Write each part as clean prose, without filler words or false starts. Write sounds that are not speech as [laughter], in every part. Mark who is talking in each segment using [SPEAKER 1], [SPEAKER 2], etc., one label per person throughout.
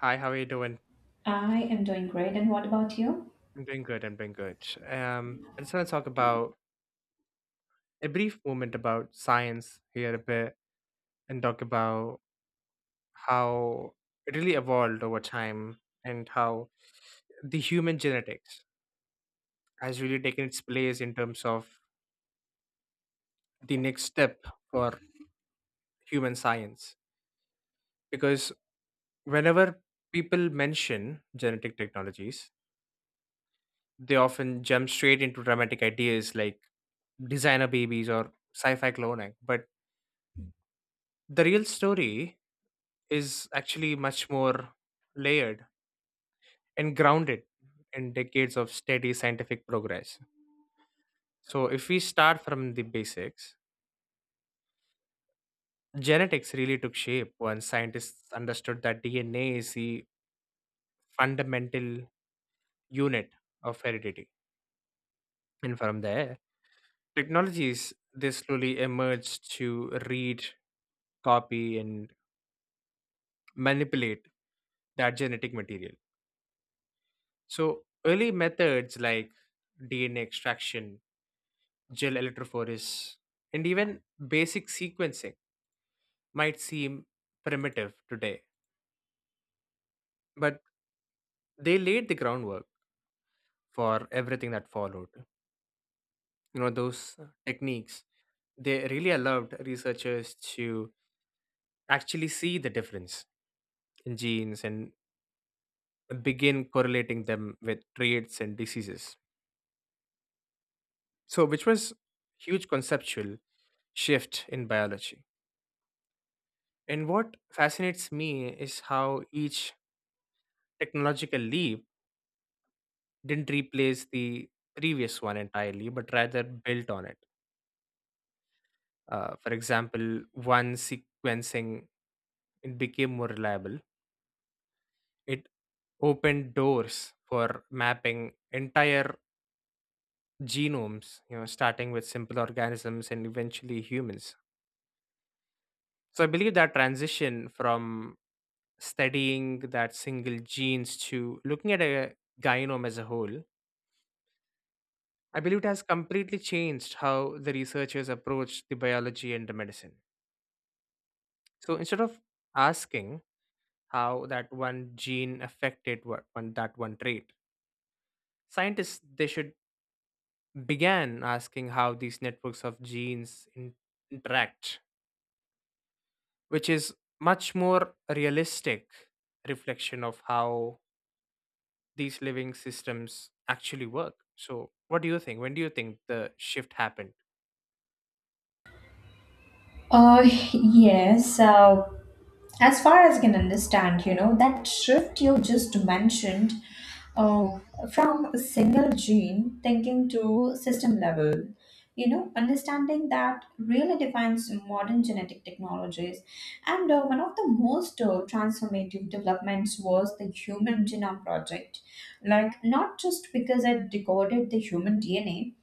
[SPEAKER 1] Hi, how are you doing?
[SPEAKER 2] I am doing great. And what about you?
[SPEAKER 1] I'm doing good. I'm doing good. I just want to talk about a brief moment about science here a bit and talk about how it really evolved over time and how the human genetics has really taken its place in terms of the next step for human science. Because whenever people mention genetic technologies, they often jump straight into dramatic ideas like designer babies or sci fi cloning. But the real story is actually much more layered and grounded in decades of steady scientific progress. So, if we start from the basics, genetics really took shape when scientists understood that DNA is the fundamental unit of heredity. And from there, technologies they slowly emerged to read, copy, and manipulate that genetic material. So, early methods like DNA extraction gel electrophoresis, and even basic sequencing might seem primitive today, but they laid the groundwork for everything that followed. Those techniques, they really allowed researchers to actually see the difference in genes and begin correlating them with traits and diseases. So, which was huge conceptual shift in biology. And what fascinates me is how each technological leap didn't replace the previous one entirely, but rather built on it. For example, one sequencing it became more reliable. It opened doors for mapping entire genomes, starting with simple organisms and eventually humans. So I believe that transition from studying that single genes to looking at a gynome as a whole, I believe it has completely changed how the researchers approach the biology and the medicine. So instead of asking how that one gene affected what one that one trait, scientists they should began asking how these networks of genes interact, which is much more realistic reflection of how these living systems actually work. So what do you think? When do you think the shift happened?
[SPEAKER 2] Uh, [laughs] yes. As far as I can understand, you know, that shift you just mentioned uh, from a single gene thinking to system level, you know, understanding that really defines modern genetic technologies. And one of the most transformative developments was the Human Genome Project. Like, not just because it decoded the human DNA,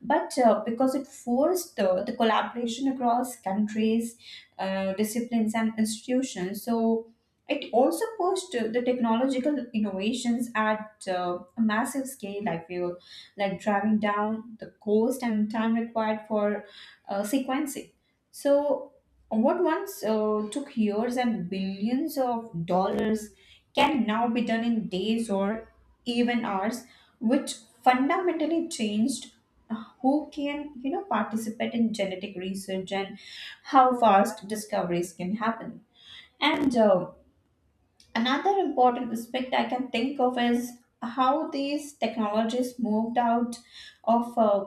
[SPEAKER 2] but because it forced the collaboration across countries, disciplines, and institutions. So it also pushed the technological innovations at a massive scale. I feel like driving down the cost and time required for sequencing. So what once took years and billions of dollars can now be done in days or even hours, which fundamentally changed who can, you know, participate in genetic research and how fast discoveries can happen. And Another important aspect I can think of is how these technologies moved out of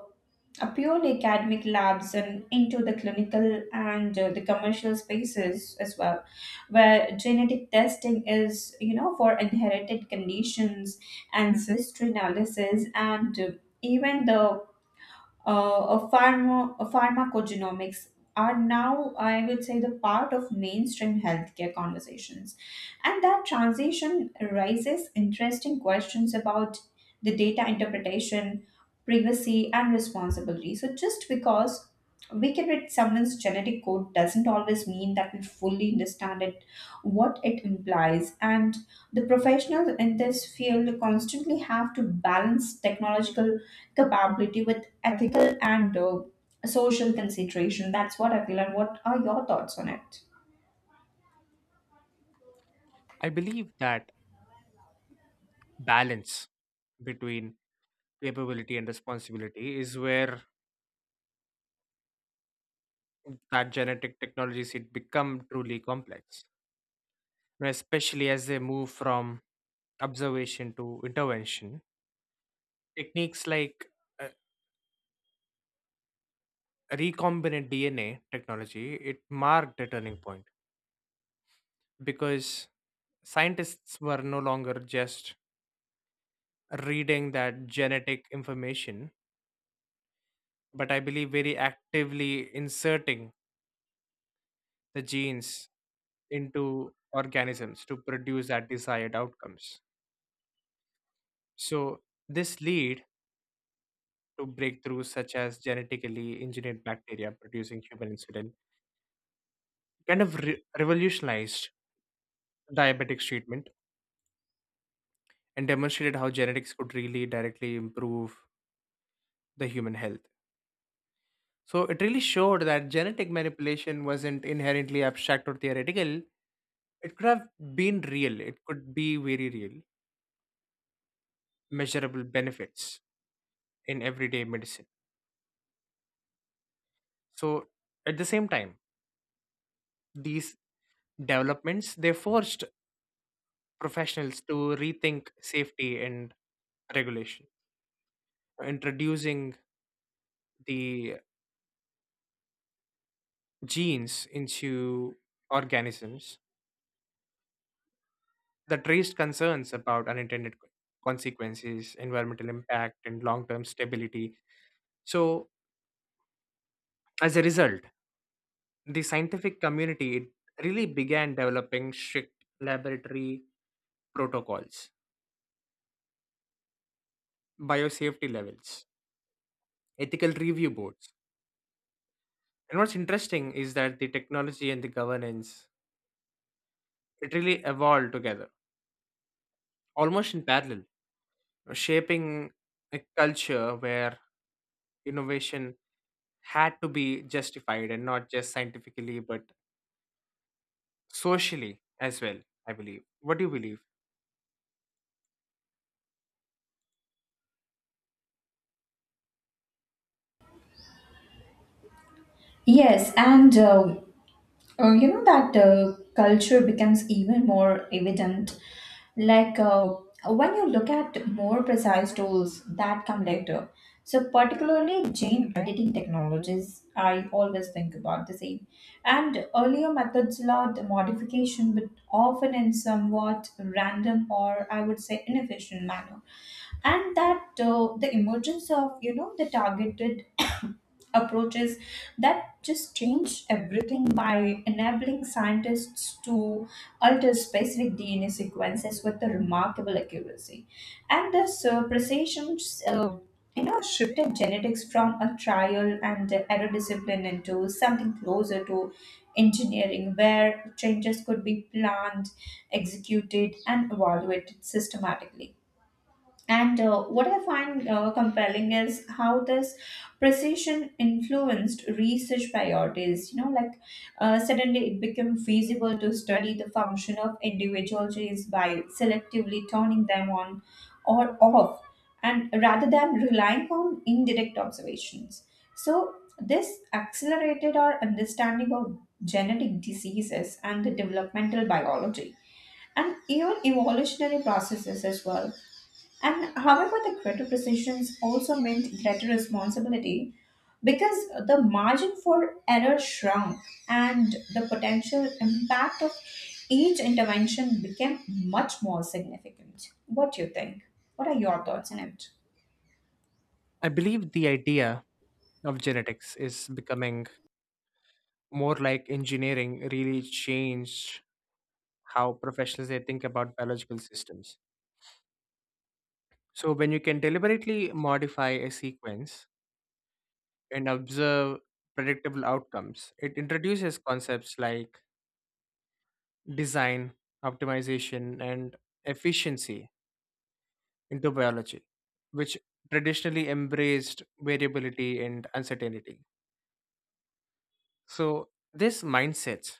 [SPEAKER 2] a purely academic labs and into the clinical and the commercial spaces as well, where genetic testing is, you know, for inherited conditions, ancestry analysis, and even the of pharma, of pharmacogenomics are now, I would say, the part of mainstream healthcare conversations. And that transition raises interesting questions about the data interpretation, privacy, and responsibility. So, just because we can read someone's genetic code doesn't always mean that we fully understand it what it implies, and the professionals in this field constantly have to balance technological capability with ethical and social consideration. That's what I feel, and what are your thoughts on it?
[SPEAKER 1] I believe that balance between capability and responsibility is where that genetic technologies it become truly complex, you know, especially as they move from observation to intervention techniques like uh, recombinant DNA technology it marked a turning point because scientists were no longer just reading that genetic information, but I believe very actively inserting the genes into organisms to produce that desired outcomes. So this lead to breakthroughs such as genetically engineered bacteria producing human insulin, kind of revolutionized diabetics treatment and demonstrated how genetics could really directly improve the human health. So it really showed that genetic manipulation wasn't inherently abstract or theoretical. It could have been real. It could be very real, measurable benefits in everyday medicine. So at the same time, these developments they forced professionals to rethink safety and regulation, introducing the genes into organisms that raised concerns about unintended consequences, environmental impact, and long term stability. So, as a result, the scientific community it really began developing strict laboratory protocols, biosafety levels, ethical review boards. And what's interesting is that the technology and the governance it really evolved together, almost in parallel, shaping a culture where innovation had to be justified and not just scientifically but socially as well, I believe. What do you believe?
[SPEAKER 2] Yes, and You know that culture becomes even more evident. Like uh, when you look at more precise tools that come later. So, particularly gene editing technologies, I always think about the same. And earlier methods allowed modification, but often in somewhat random or I would say inefficient manner, and that the emergence of, you know, the targeted [coughs] approaches that just changed everything by enabling scientists to alter specific dna sequences with a remarkable accuracy. And this precision uh, you know, shifted genetics from a trial and error discipline into something closer to engineering, where changes could be planned, executed, and evaluated systematically. And what I find compelling is how this precision influenced research priorities. You know, like, suddenly it became feasible to study the function of individual genes by selectively turning them on or off, and rather than relying on indirect observations. So, this accelerated our understanding of genetic diseases and the developmental biology and even evolutionary processes as well. And however, the greater precisions also meant greater responsibility, because the margin for error shrunk and the potential impact of each intervention became much more significant. What do you think? What are your thoughts on it?
[SPEAKER 1] I believe the idea of genetics is becoming more like engineering really changed how professionals they think about biological systems. So when you can deliberately modify a sequence and observe predictable outcomes, it introduces concepts like design optimization and efficiency into biology, which traditionally embraced variability and uncertainty. So, this mindset,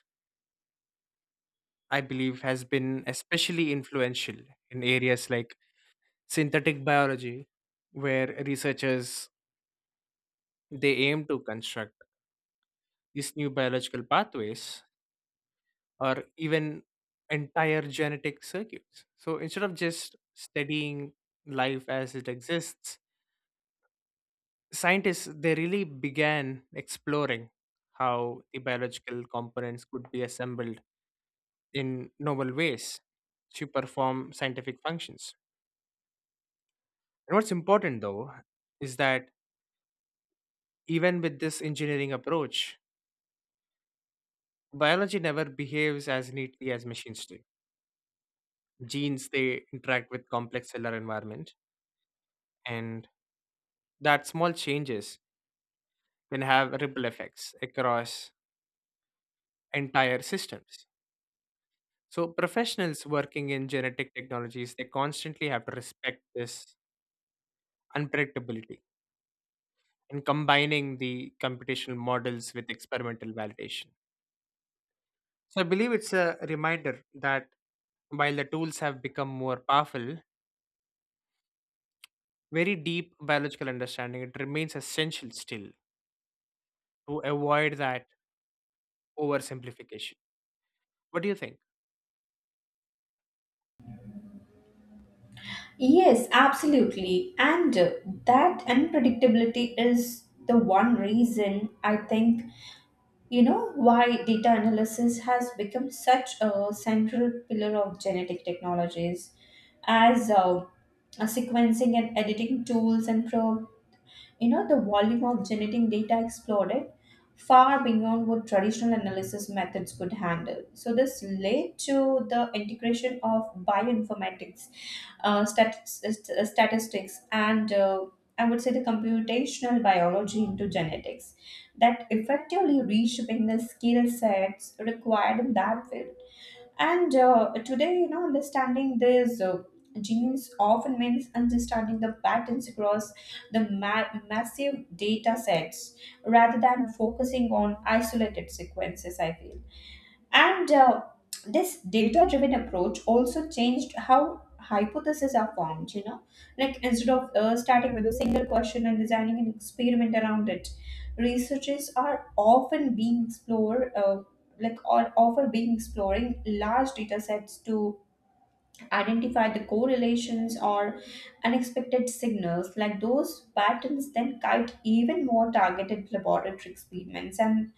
[SPEAKER 1] I believe, has been especially influential in areas like synthetic biology, where researchers they aim to construct these new biological pathways or even entire genetic circuits. So instead of just studying life as it exists, scientists they really began exploring how the biological components could be assembled in novel ways to perform scientific functions. And what's important though is that even with this engineering approach, biology never behaves as neatly as machines do. Genes they interact with complex cellular environment, and that small changes can have ripple effects across entire systems. So professionals working in genetic technologies, they constantly have to respect this unpredictability and combining the computational models with experimental validation. So I believe it's a reminder that while the tools have become more powerful, very deep biological understanding it remains essential still to avoid that oversimplification. What do you think?
[SPEAKER 2] Yes, absolutely. And that unpredictability is the one reason I think, you know, why data analysis has become such a central pillar of genetic technologies as sequencing and editing tools and you know, the volume of genetic data exploded far beyond what traditional analysis methods could handle. So this led to the integration of bioinformatics, statistics, and I would say the computational biology into genetics, that effectively reshaping the skill sets required in that field. And today, you know, understanding these genes often means understanding the patterns across the massive data sets rather than focusing on isolated sequences, I feel. And this data driven approach also changed how hypotheses are formed, you know, like instead of starting with a single question and designing an experiment around it, researchers are often being explored. Or often being exploring large data sets to identify the correlations or unexpected signals, like those patterns then guide even more targeted laboratory experiments. And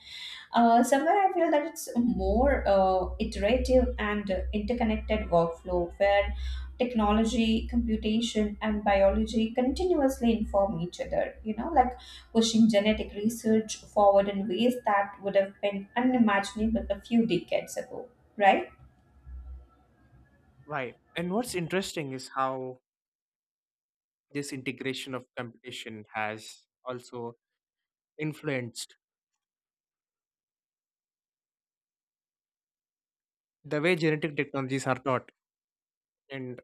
[SPEAKER 2] somewhere I feel that it's a more iterative and interconnected workflow where technology, computation, and biology continuously inform each other, you know, like pushing genetic research forward in ways that would have been unimaginable a few decades ago, right?
[SPEAKER 1] Right. And what's interesting is how this integration of computation has also influenced the way genetic technologies are taught and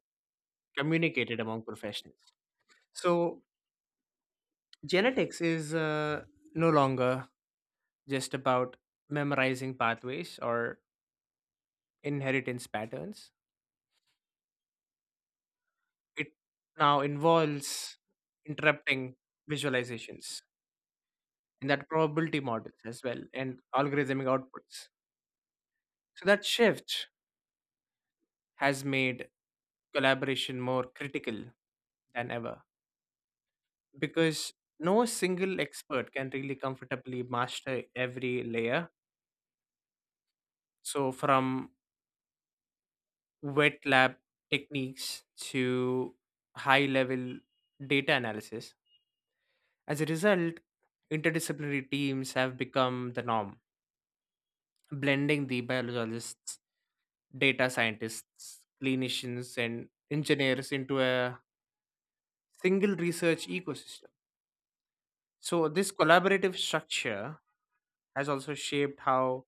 [SPEAKER 1] communicated among professionals. So, genetics is no longer just about memorizing pathways or inheritance patterns. It now involves interrupting visualizations and that probability models as well and algorithmic outputs. So, that shift has made collaboration more critical than ever because no single expert can really comfortably master every layer. So, from wet lab techniques to high level data analysis. As a result, interdisciplinary teams have become the norm, blending the biologists, data scientists, clinicians, and engineers into a single research ecosystem. So, this collaborative structure has also shaped how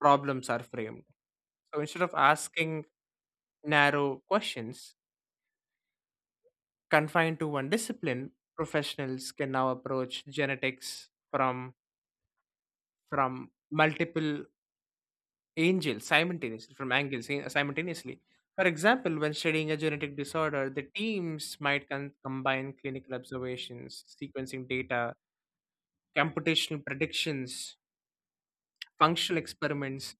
[SPEAKER 1] problems are framed. So, instead of asking narrow questions, confined to one discipline, professionals can now approach genetics from multiple angles simultaneously, from angles simultaneously. For example, when studying a genetic disorder, the teams might combine clinical observations, sequencing data, computational predictions, functional experiments.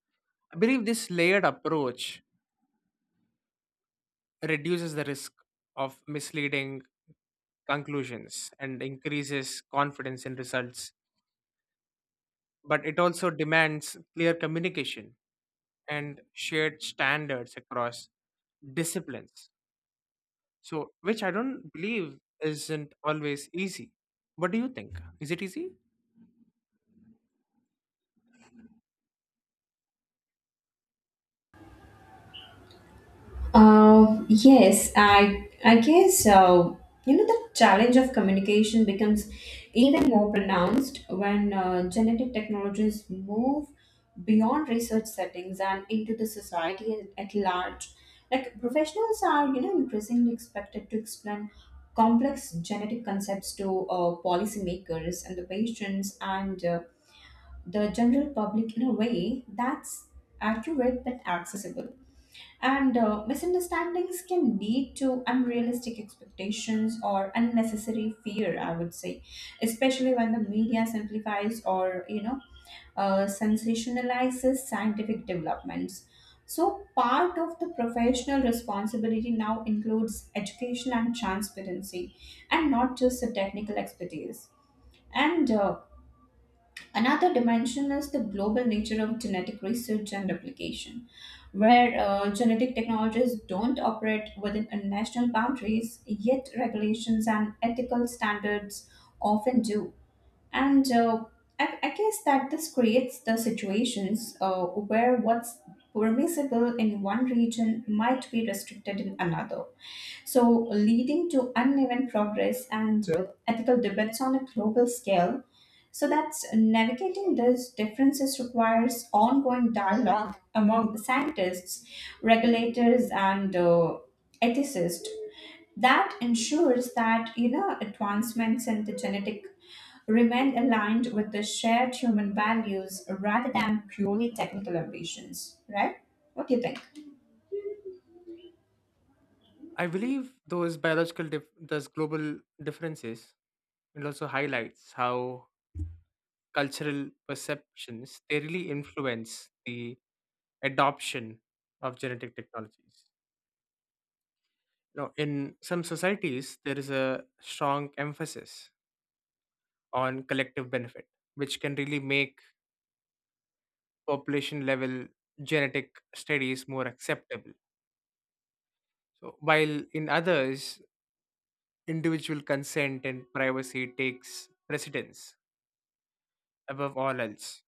[SPEAKER 1] I believe this layered approach reduces the risk of misleading conclusions and increases confidence in results, but it also demands clear communication and shared standards across disciplines. So, which I don't believe isn't always easy. What do you think? Is it easy?
[SPEAKER 2] Yes, I guess you know, the challenge of communication becomes even more pronounced when genetic technologies move beyond research settings and into the society at large. Like professionals are, you know, increasingly expected to explain complex genetic concepts to policymakers and the patients and the general public in a way that's accurate but accessible. And misunderstandings can lead to unrealistic expectations or unnecessary fear, I would say, especially when the media simplifies or, you know, sensationalizes scientific developments. So, part of the professional responsibility now includes education and transparency, and not just the technical expertise. And Another dimension is the global nature of genetic research and application, where genetic technologies don't operate within national boundaries, yet regulations and ethical standards often do. And I guess that this creates the situations where what's permissible in one region might be restricted in another. So, leading to uneven progress and ethical debates on a global scale. So that's navigating these differences requires ongoing dialogue among the scientists, regulators, and ethicists, that ensures that, you know, advancements in the genetic remain aligned with the shared human values rather than purely technical ambitions. Right? What do you think?
[SPEAKER 1] I believe those those global differences, it also highlights how cultural perceptions they really influence the adoption of genetic technologies. Now, in some societies, there is a strong emphasis on collective benefit, which can really make population level genetic studies more acceptable. So, while in others, individual consent and privacy takes precedence above all else.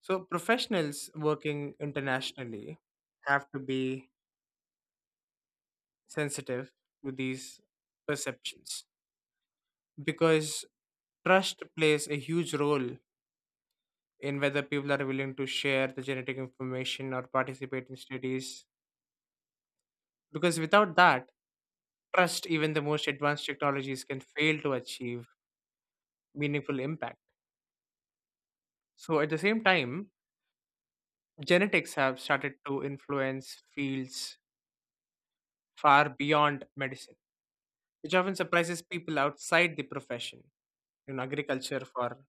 [SPEAKER 1] So, professionals working internationally have to be sensitive to these perceptions because trust plays a huge role in whether people are willing to share the genetic information or participate in studies because without that trust even the most advanced technologies can fail to achieve meaningful impact. So, at the same time, genetics have started to influence fields far beyond medicine, which often surprises people outside the profession. In agriculture, for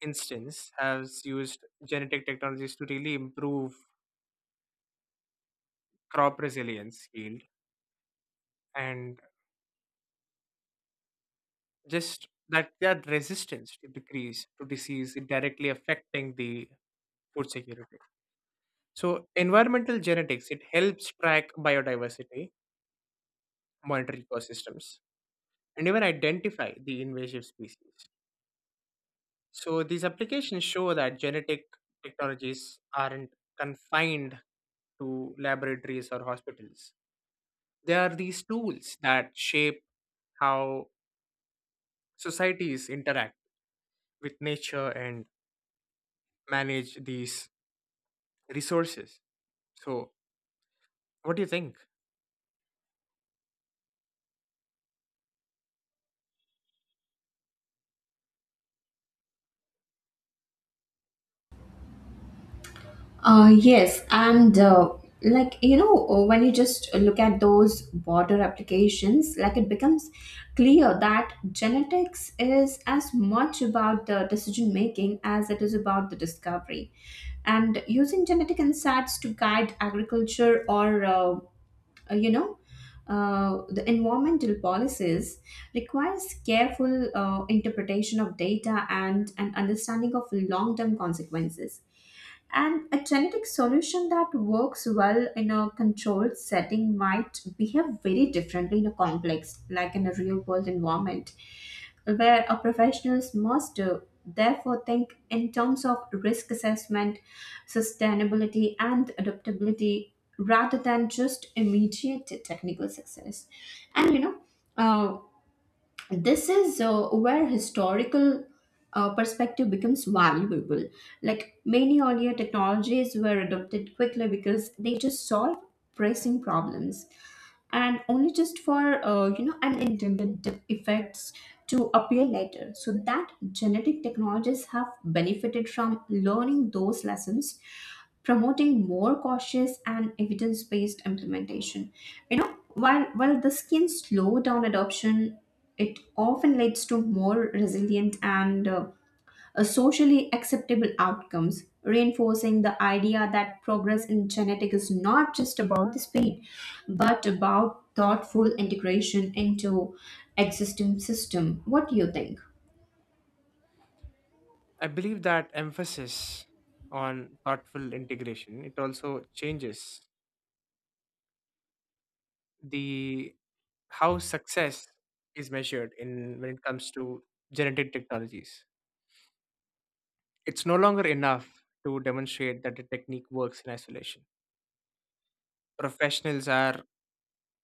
[SPEAKER 1] instance, has used genetic technologies to really improve crop resilience, yield, and just that resistance to decrease to disease directly affecting the food security. So environmental genetics, it helps track biodiversity, monitor ecosystems, and even identify the invasive species. So these applications show that genetic technologies aren't confined to laboratories or hospitals. They are these tools that shape how societies interact with nature and manage these resources. So what do you think?
[SPEAKER 2] Yes, and you know, when you just look at those border applications, like it becomes clear that genetics is as much about the decision making as it is about the discovery. And using genetic insights to guide agriculture or you know, the environmental policies requires careful interpretation of data and an understanding of long term consequences. And a genetic solution that works well in a controlled setting might behave very differently in a complex, like in a real world environment, where a professionals must therefore think in terms of risk assessment, sustainability, and adaptability rather than just immediate technical success. And you know, uh, this is where historical perspective becomes valuable. Like many earlier technologies were adopted quickly because they just solve pressing problems, and only just for you know, unintended effects to appear later. So that genetic technologies have benefited from learning those lessons, promoting more cautious and evidence-based implementation. You know, while this can slow down adoption, it often leads to more resilient and socially acceptable outcomes, reinforcing the idea that progress in genetics is not just about the speed, but about thoughtful integration into existing system. What do you think?
[SPEAKER 1] I believe that emphasis on thoughtful integration it also changes the how success is measured in when it comes to genetic technologies. It's no longer enough to demonstrate that a technique works in isolation. Professionals are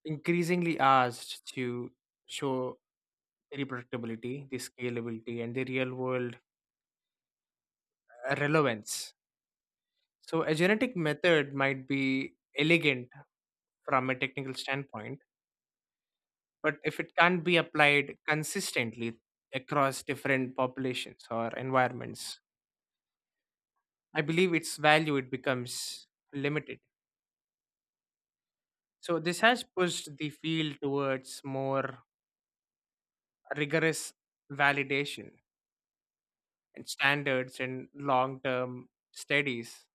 [SPEAKER 1] increasingly asked to show the reproductibility, the scalability, and the real world relevance. So, a genetic method might be elegant from a technical standpoint. But if it can't be applied consistently across different populations or environments, I believe its value it becomes limited. So this has pushed the field towards more rigorous validation and standards and long-term studies,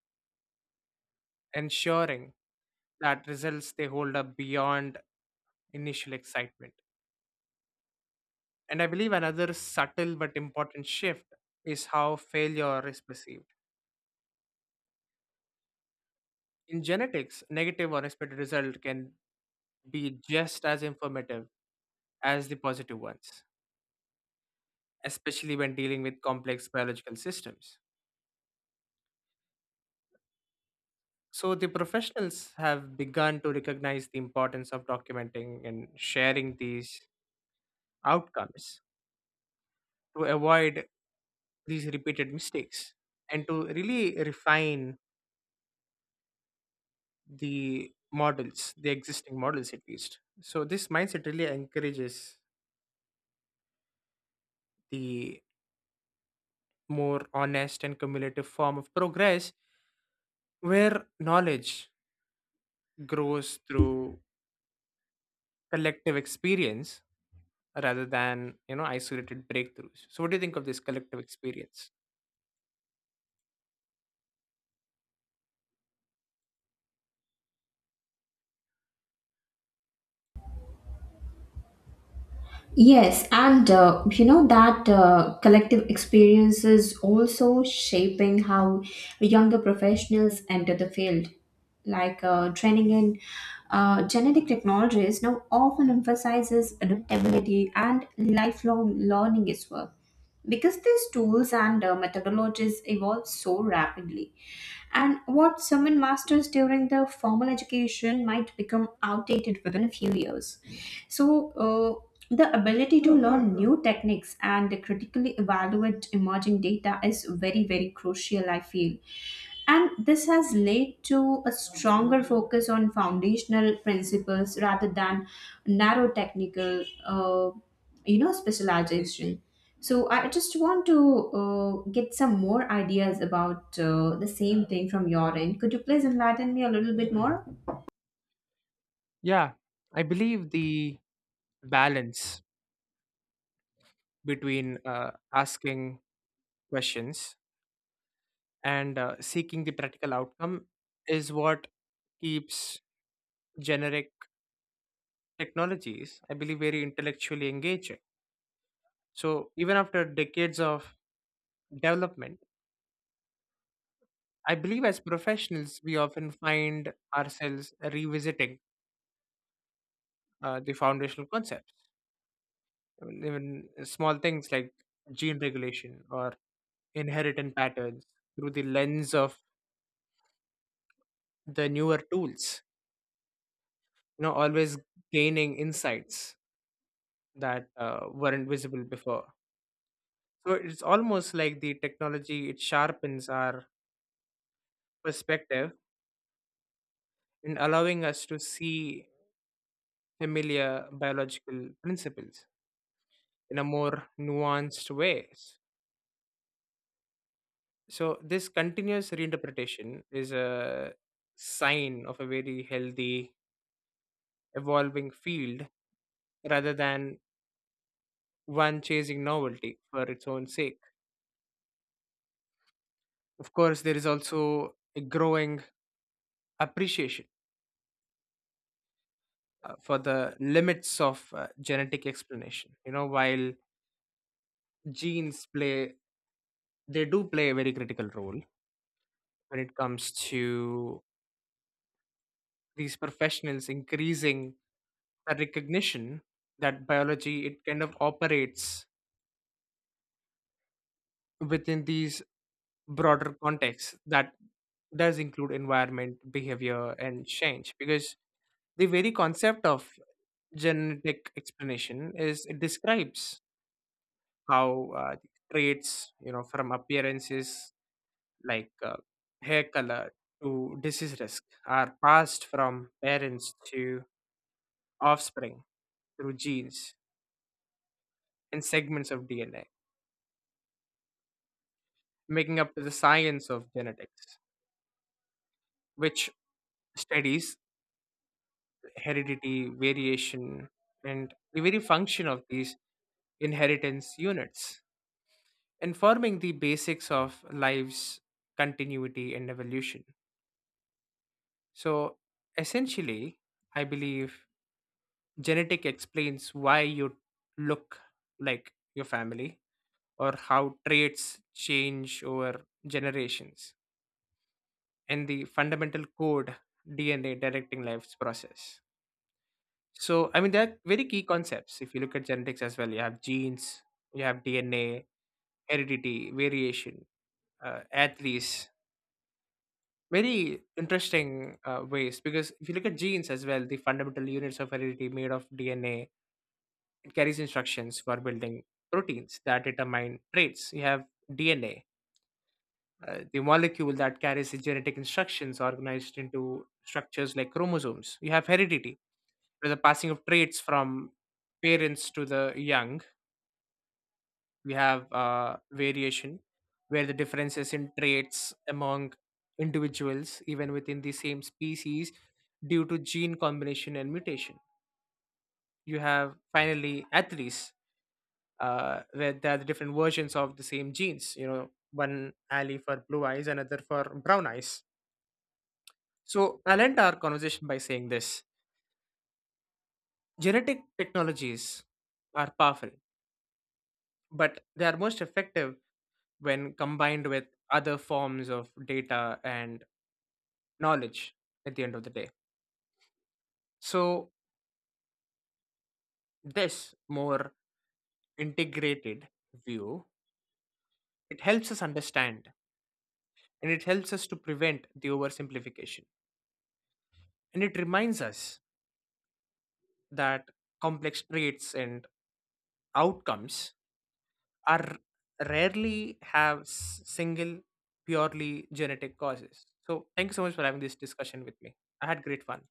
[SPEAKER 1] ensuring that results they hold up beyond initial excitement. And I believe another subtle but important shift is how failure is perceived. In genetics, negative or expected result can be just as informative as the positive ones, especially when dealing with complex biological systems. So, the professionals have begun to recognize the importance of documenting and sharing these outcomes to avoid these repeated mistakes and to really refine the models, the existing models at least. So, this mindset really encourages the more honest and cumulative form of progress where knowledge grows through collective experience rather than isolated breakthroughs. So what do you think of this collective experience?
[SPEAKER 2] Yes, and you know that collective experience is also shaping how younger professionals enter the field. Like training in genetic technologies now often emphasizes adaptability and lifelong learning as well, because these tools and methodologies evolve so rapidly. And what someone masters during their formal education might become outdated within a few years. So, the ability to learn new techniques and critically evaluate emerging data is very, very crucial, I feel. And this has led to a stronger focus on foundational principles rather than narrow technical, you know, specialization. So I just want to get some more ideas about the same thing from your end. Could you please enlighten me a little bit more?
[SPEAKER 1] Yeah, I believe the balance between asking questions and seeking the practical outcome is what keeps generic technologies, I believe, very intellectually engaging. So even after decades of development, I believe as professionals we often find ourselves revisiting the foundational concept, even small things like gene regulation or inheritance patterns through the lens of the newer tools, you know always gaining insights that weren't visible before. So it's almost like the technology it sharpens our perspective in allowing us to see familiar biological principles in a more nuanced ways. So this continuous reinterpretation is a sign of a very healthy evolving field rather than one chasing novelty for its own sake. Of course, there is also a growing appreciation for the limits of genetic explanation. You know, while genes play, they do play a very critical role when it comes to these professionals increasing the recognition that biology it kind of operates within these broader contexts that does include environment behavior and change because the very concept of genetic explanation is it describes how traits, you know, from appearances like hair color to disease risk are passed from parents to offspring through genes and segments of DNA, making up the science of genetics, which studies heredity, variation, and the very function of these inheritance units. Informing the basics of life's continuity and evolution. So, essentially, I believe genetic explains why you look like your family or how traits change over generations and the fundamental code DNA directing life's process. So, I mean, they're very key concepts. If you look at genetics as well, you have genes, you have DNA, heredity, variation, athletes, very interesting ways. Because if you look at genes as well, the fundamental units of heredity made of DNA, it carries instructions for building proteins that determine traits. You have DNA, the molecule that carries the genetic instructions organized into structures like chromosomes. You have heredity, where the passing of traits from parents to the young. We have variation, where the differences in traits among individuals even within the same species due to gene combination and mutation. You have finally alleles, where there are the different versions of the same genes, one allele for blue eyes another for brown eyes. So I'll end our conversation by saying this: genetic technologies are powerful, but they are most effective when combined with other forms of data and knowledge at the end of the day. So this more integrated view, it helps us understand and it helps us to prevent the oversimplification. And it reminds us that complex traits and outcomes are rarely have single purely genetic causes. So thank you so much for having this discussion with me. I had great fun.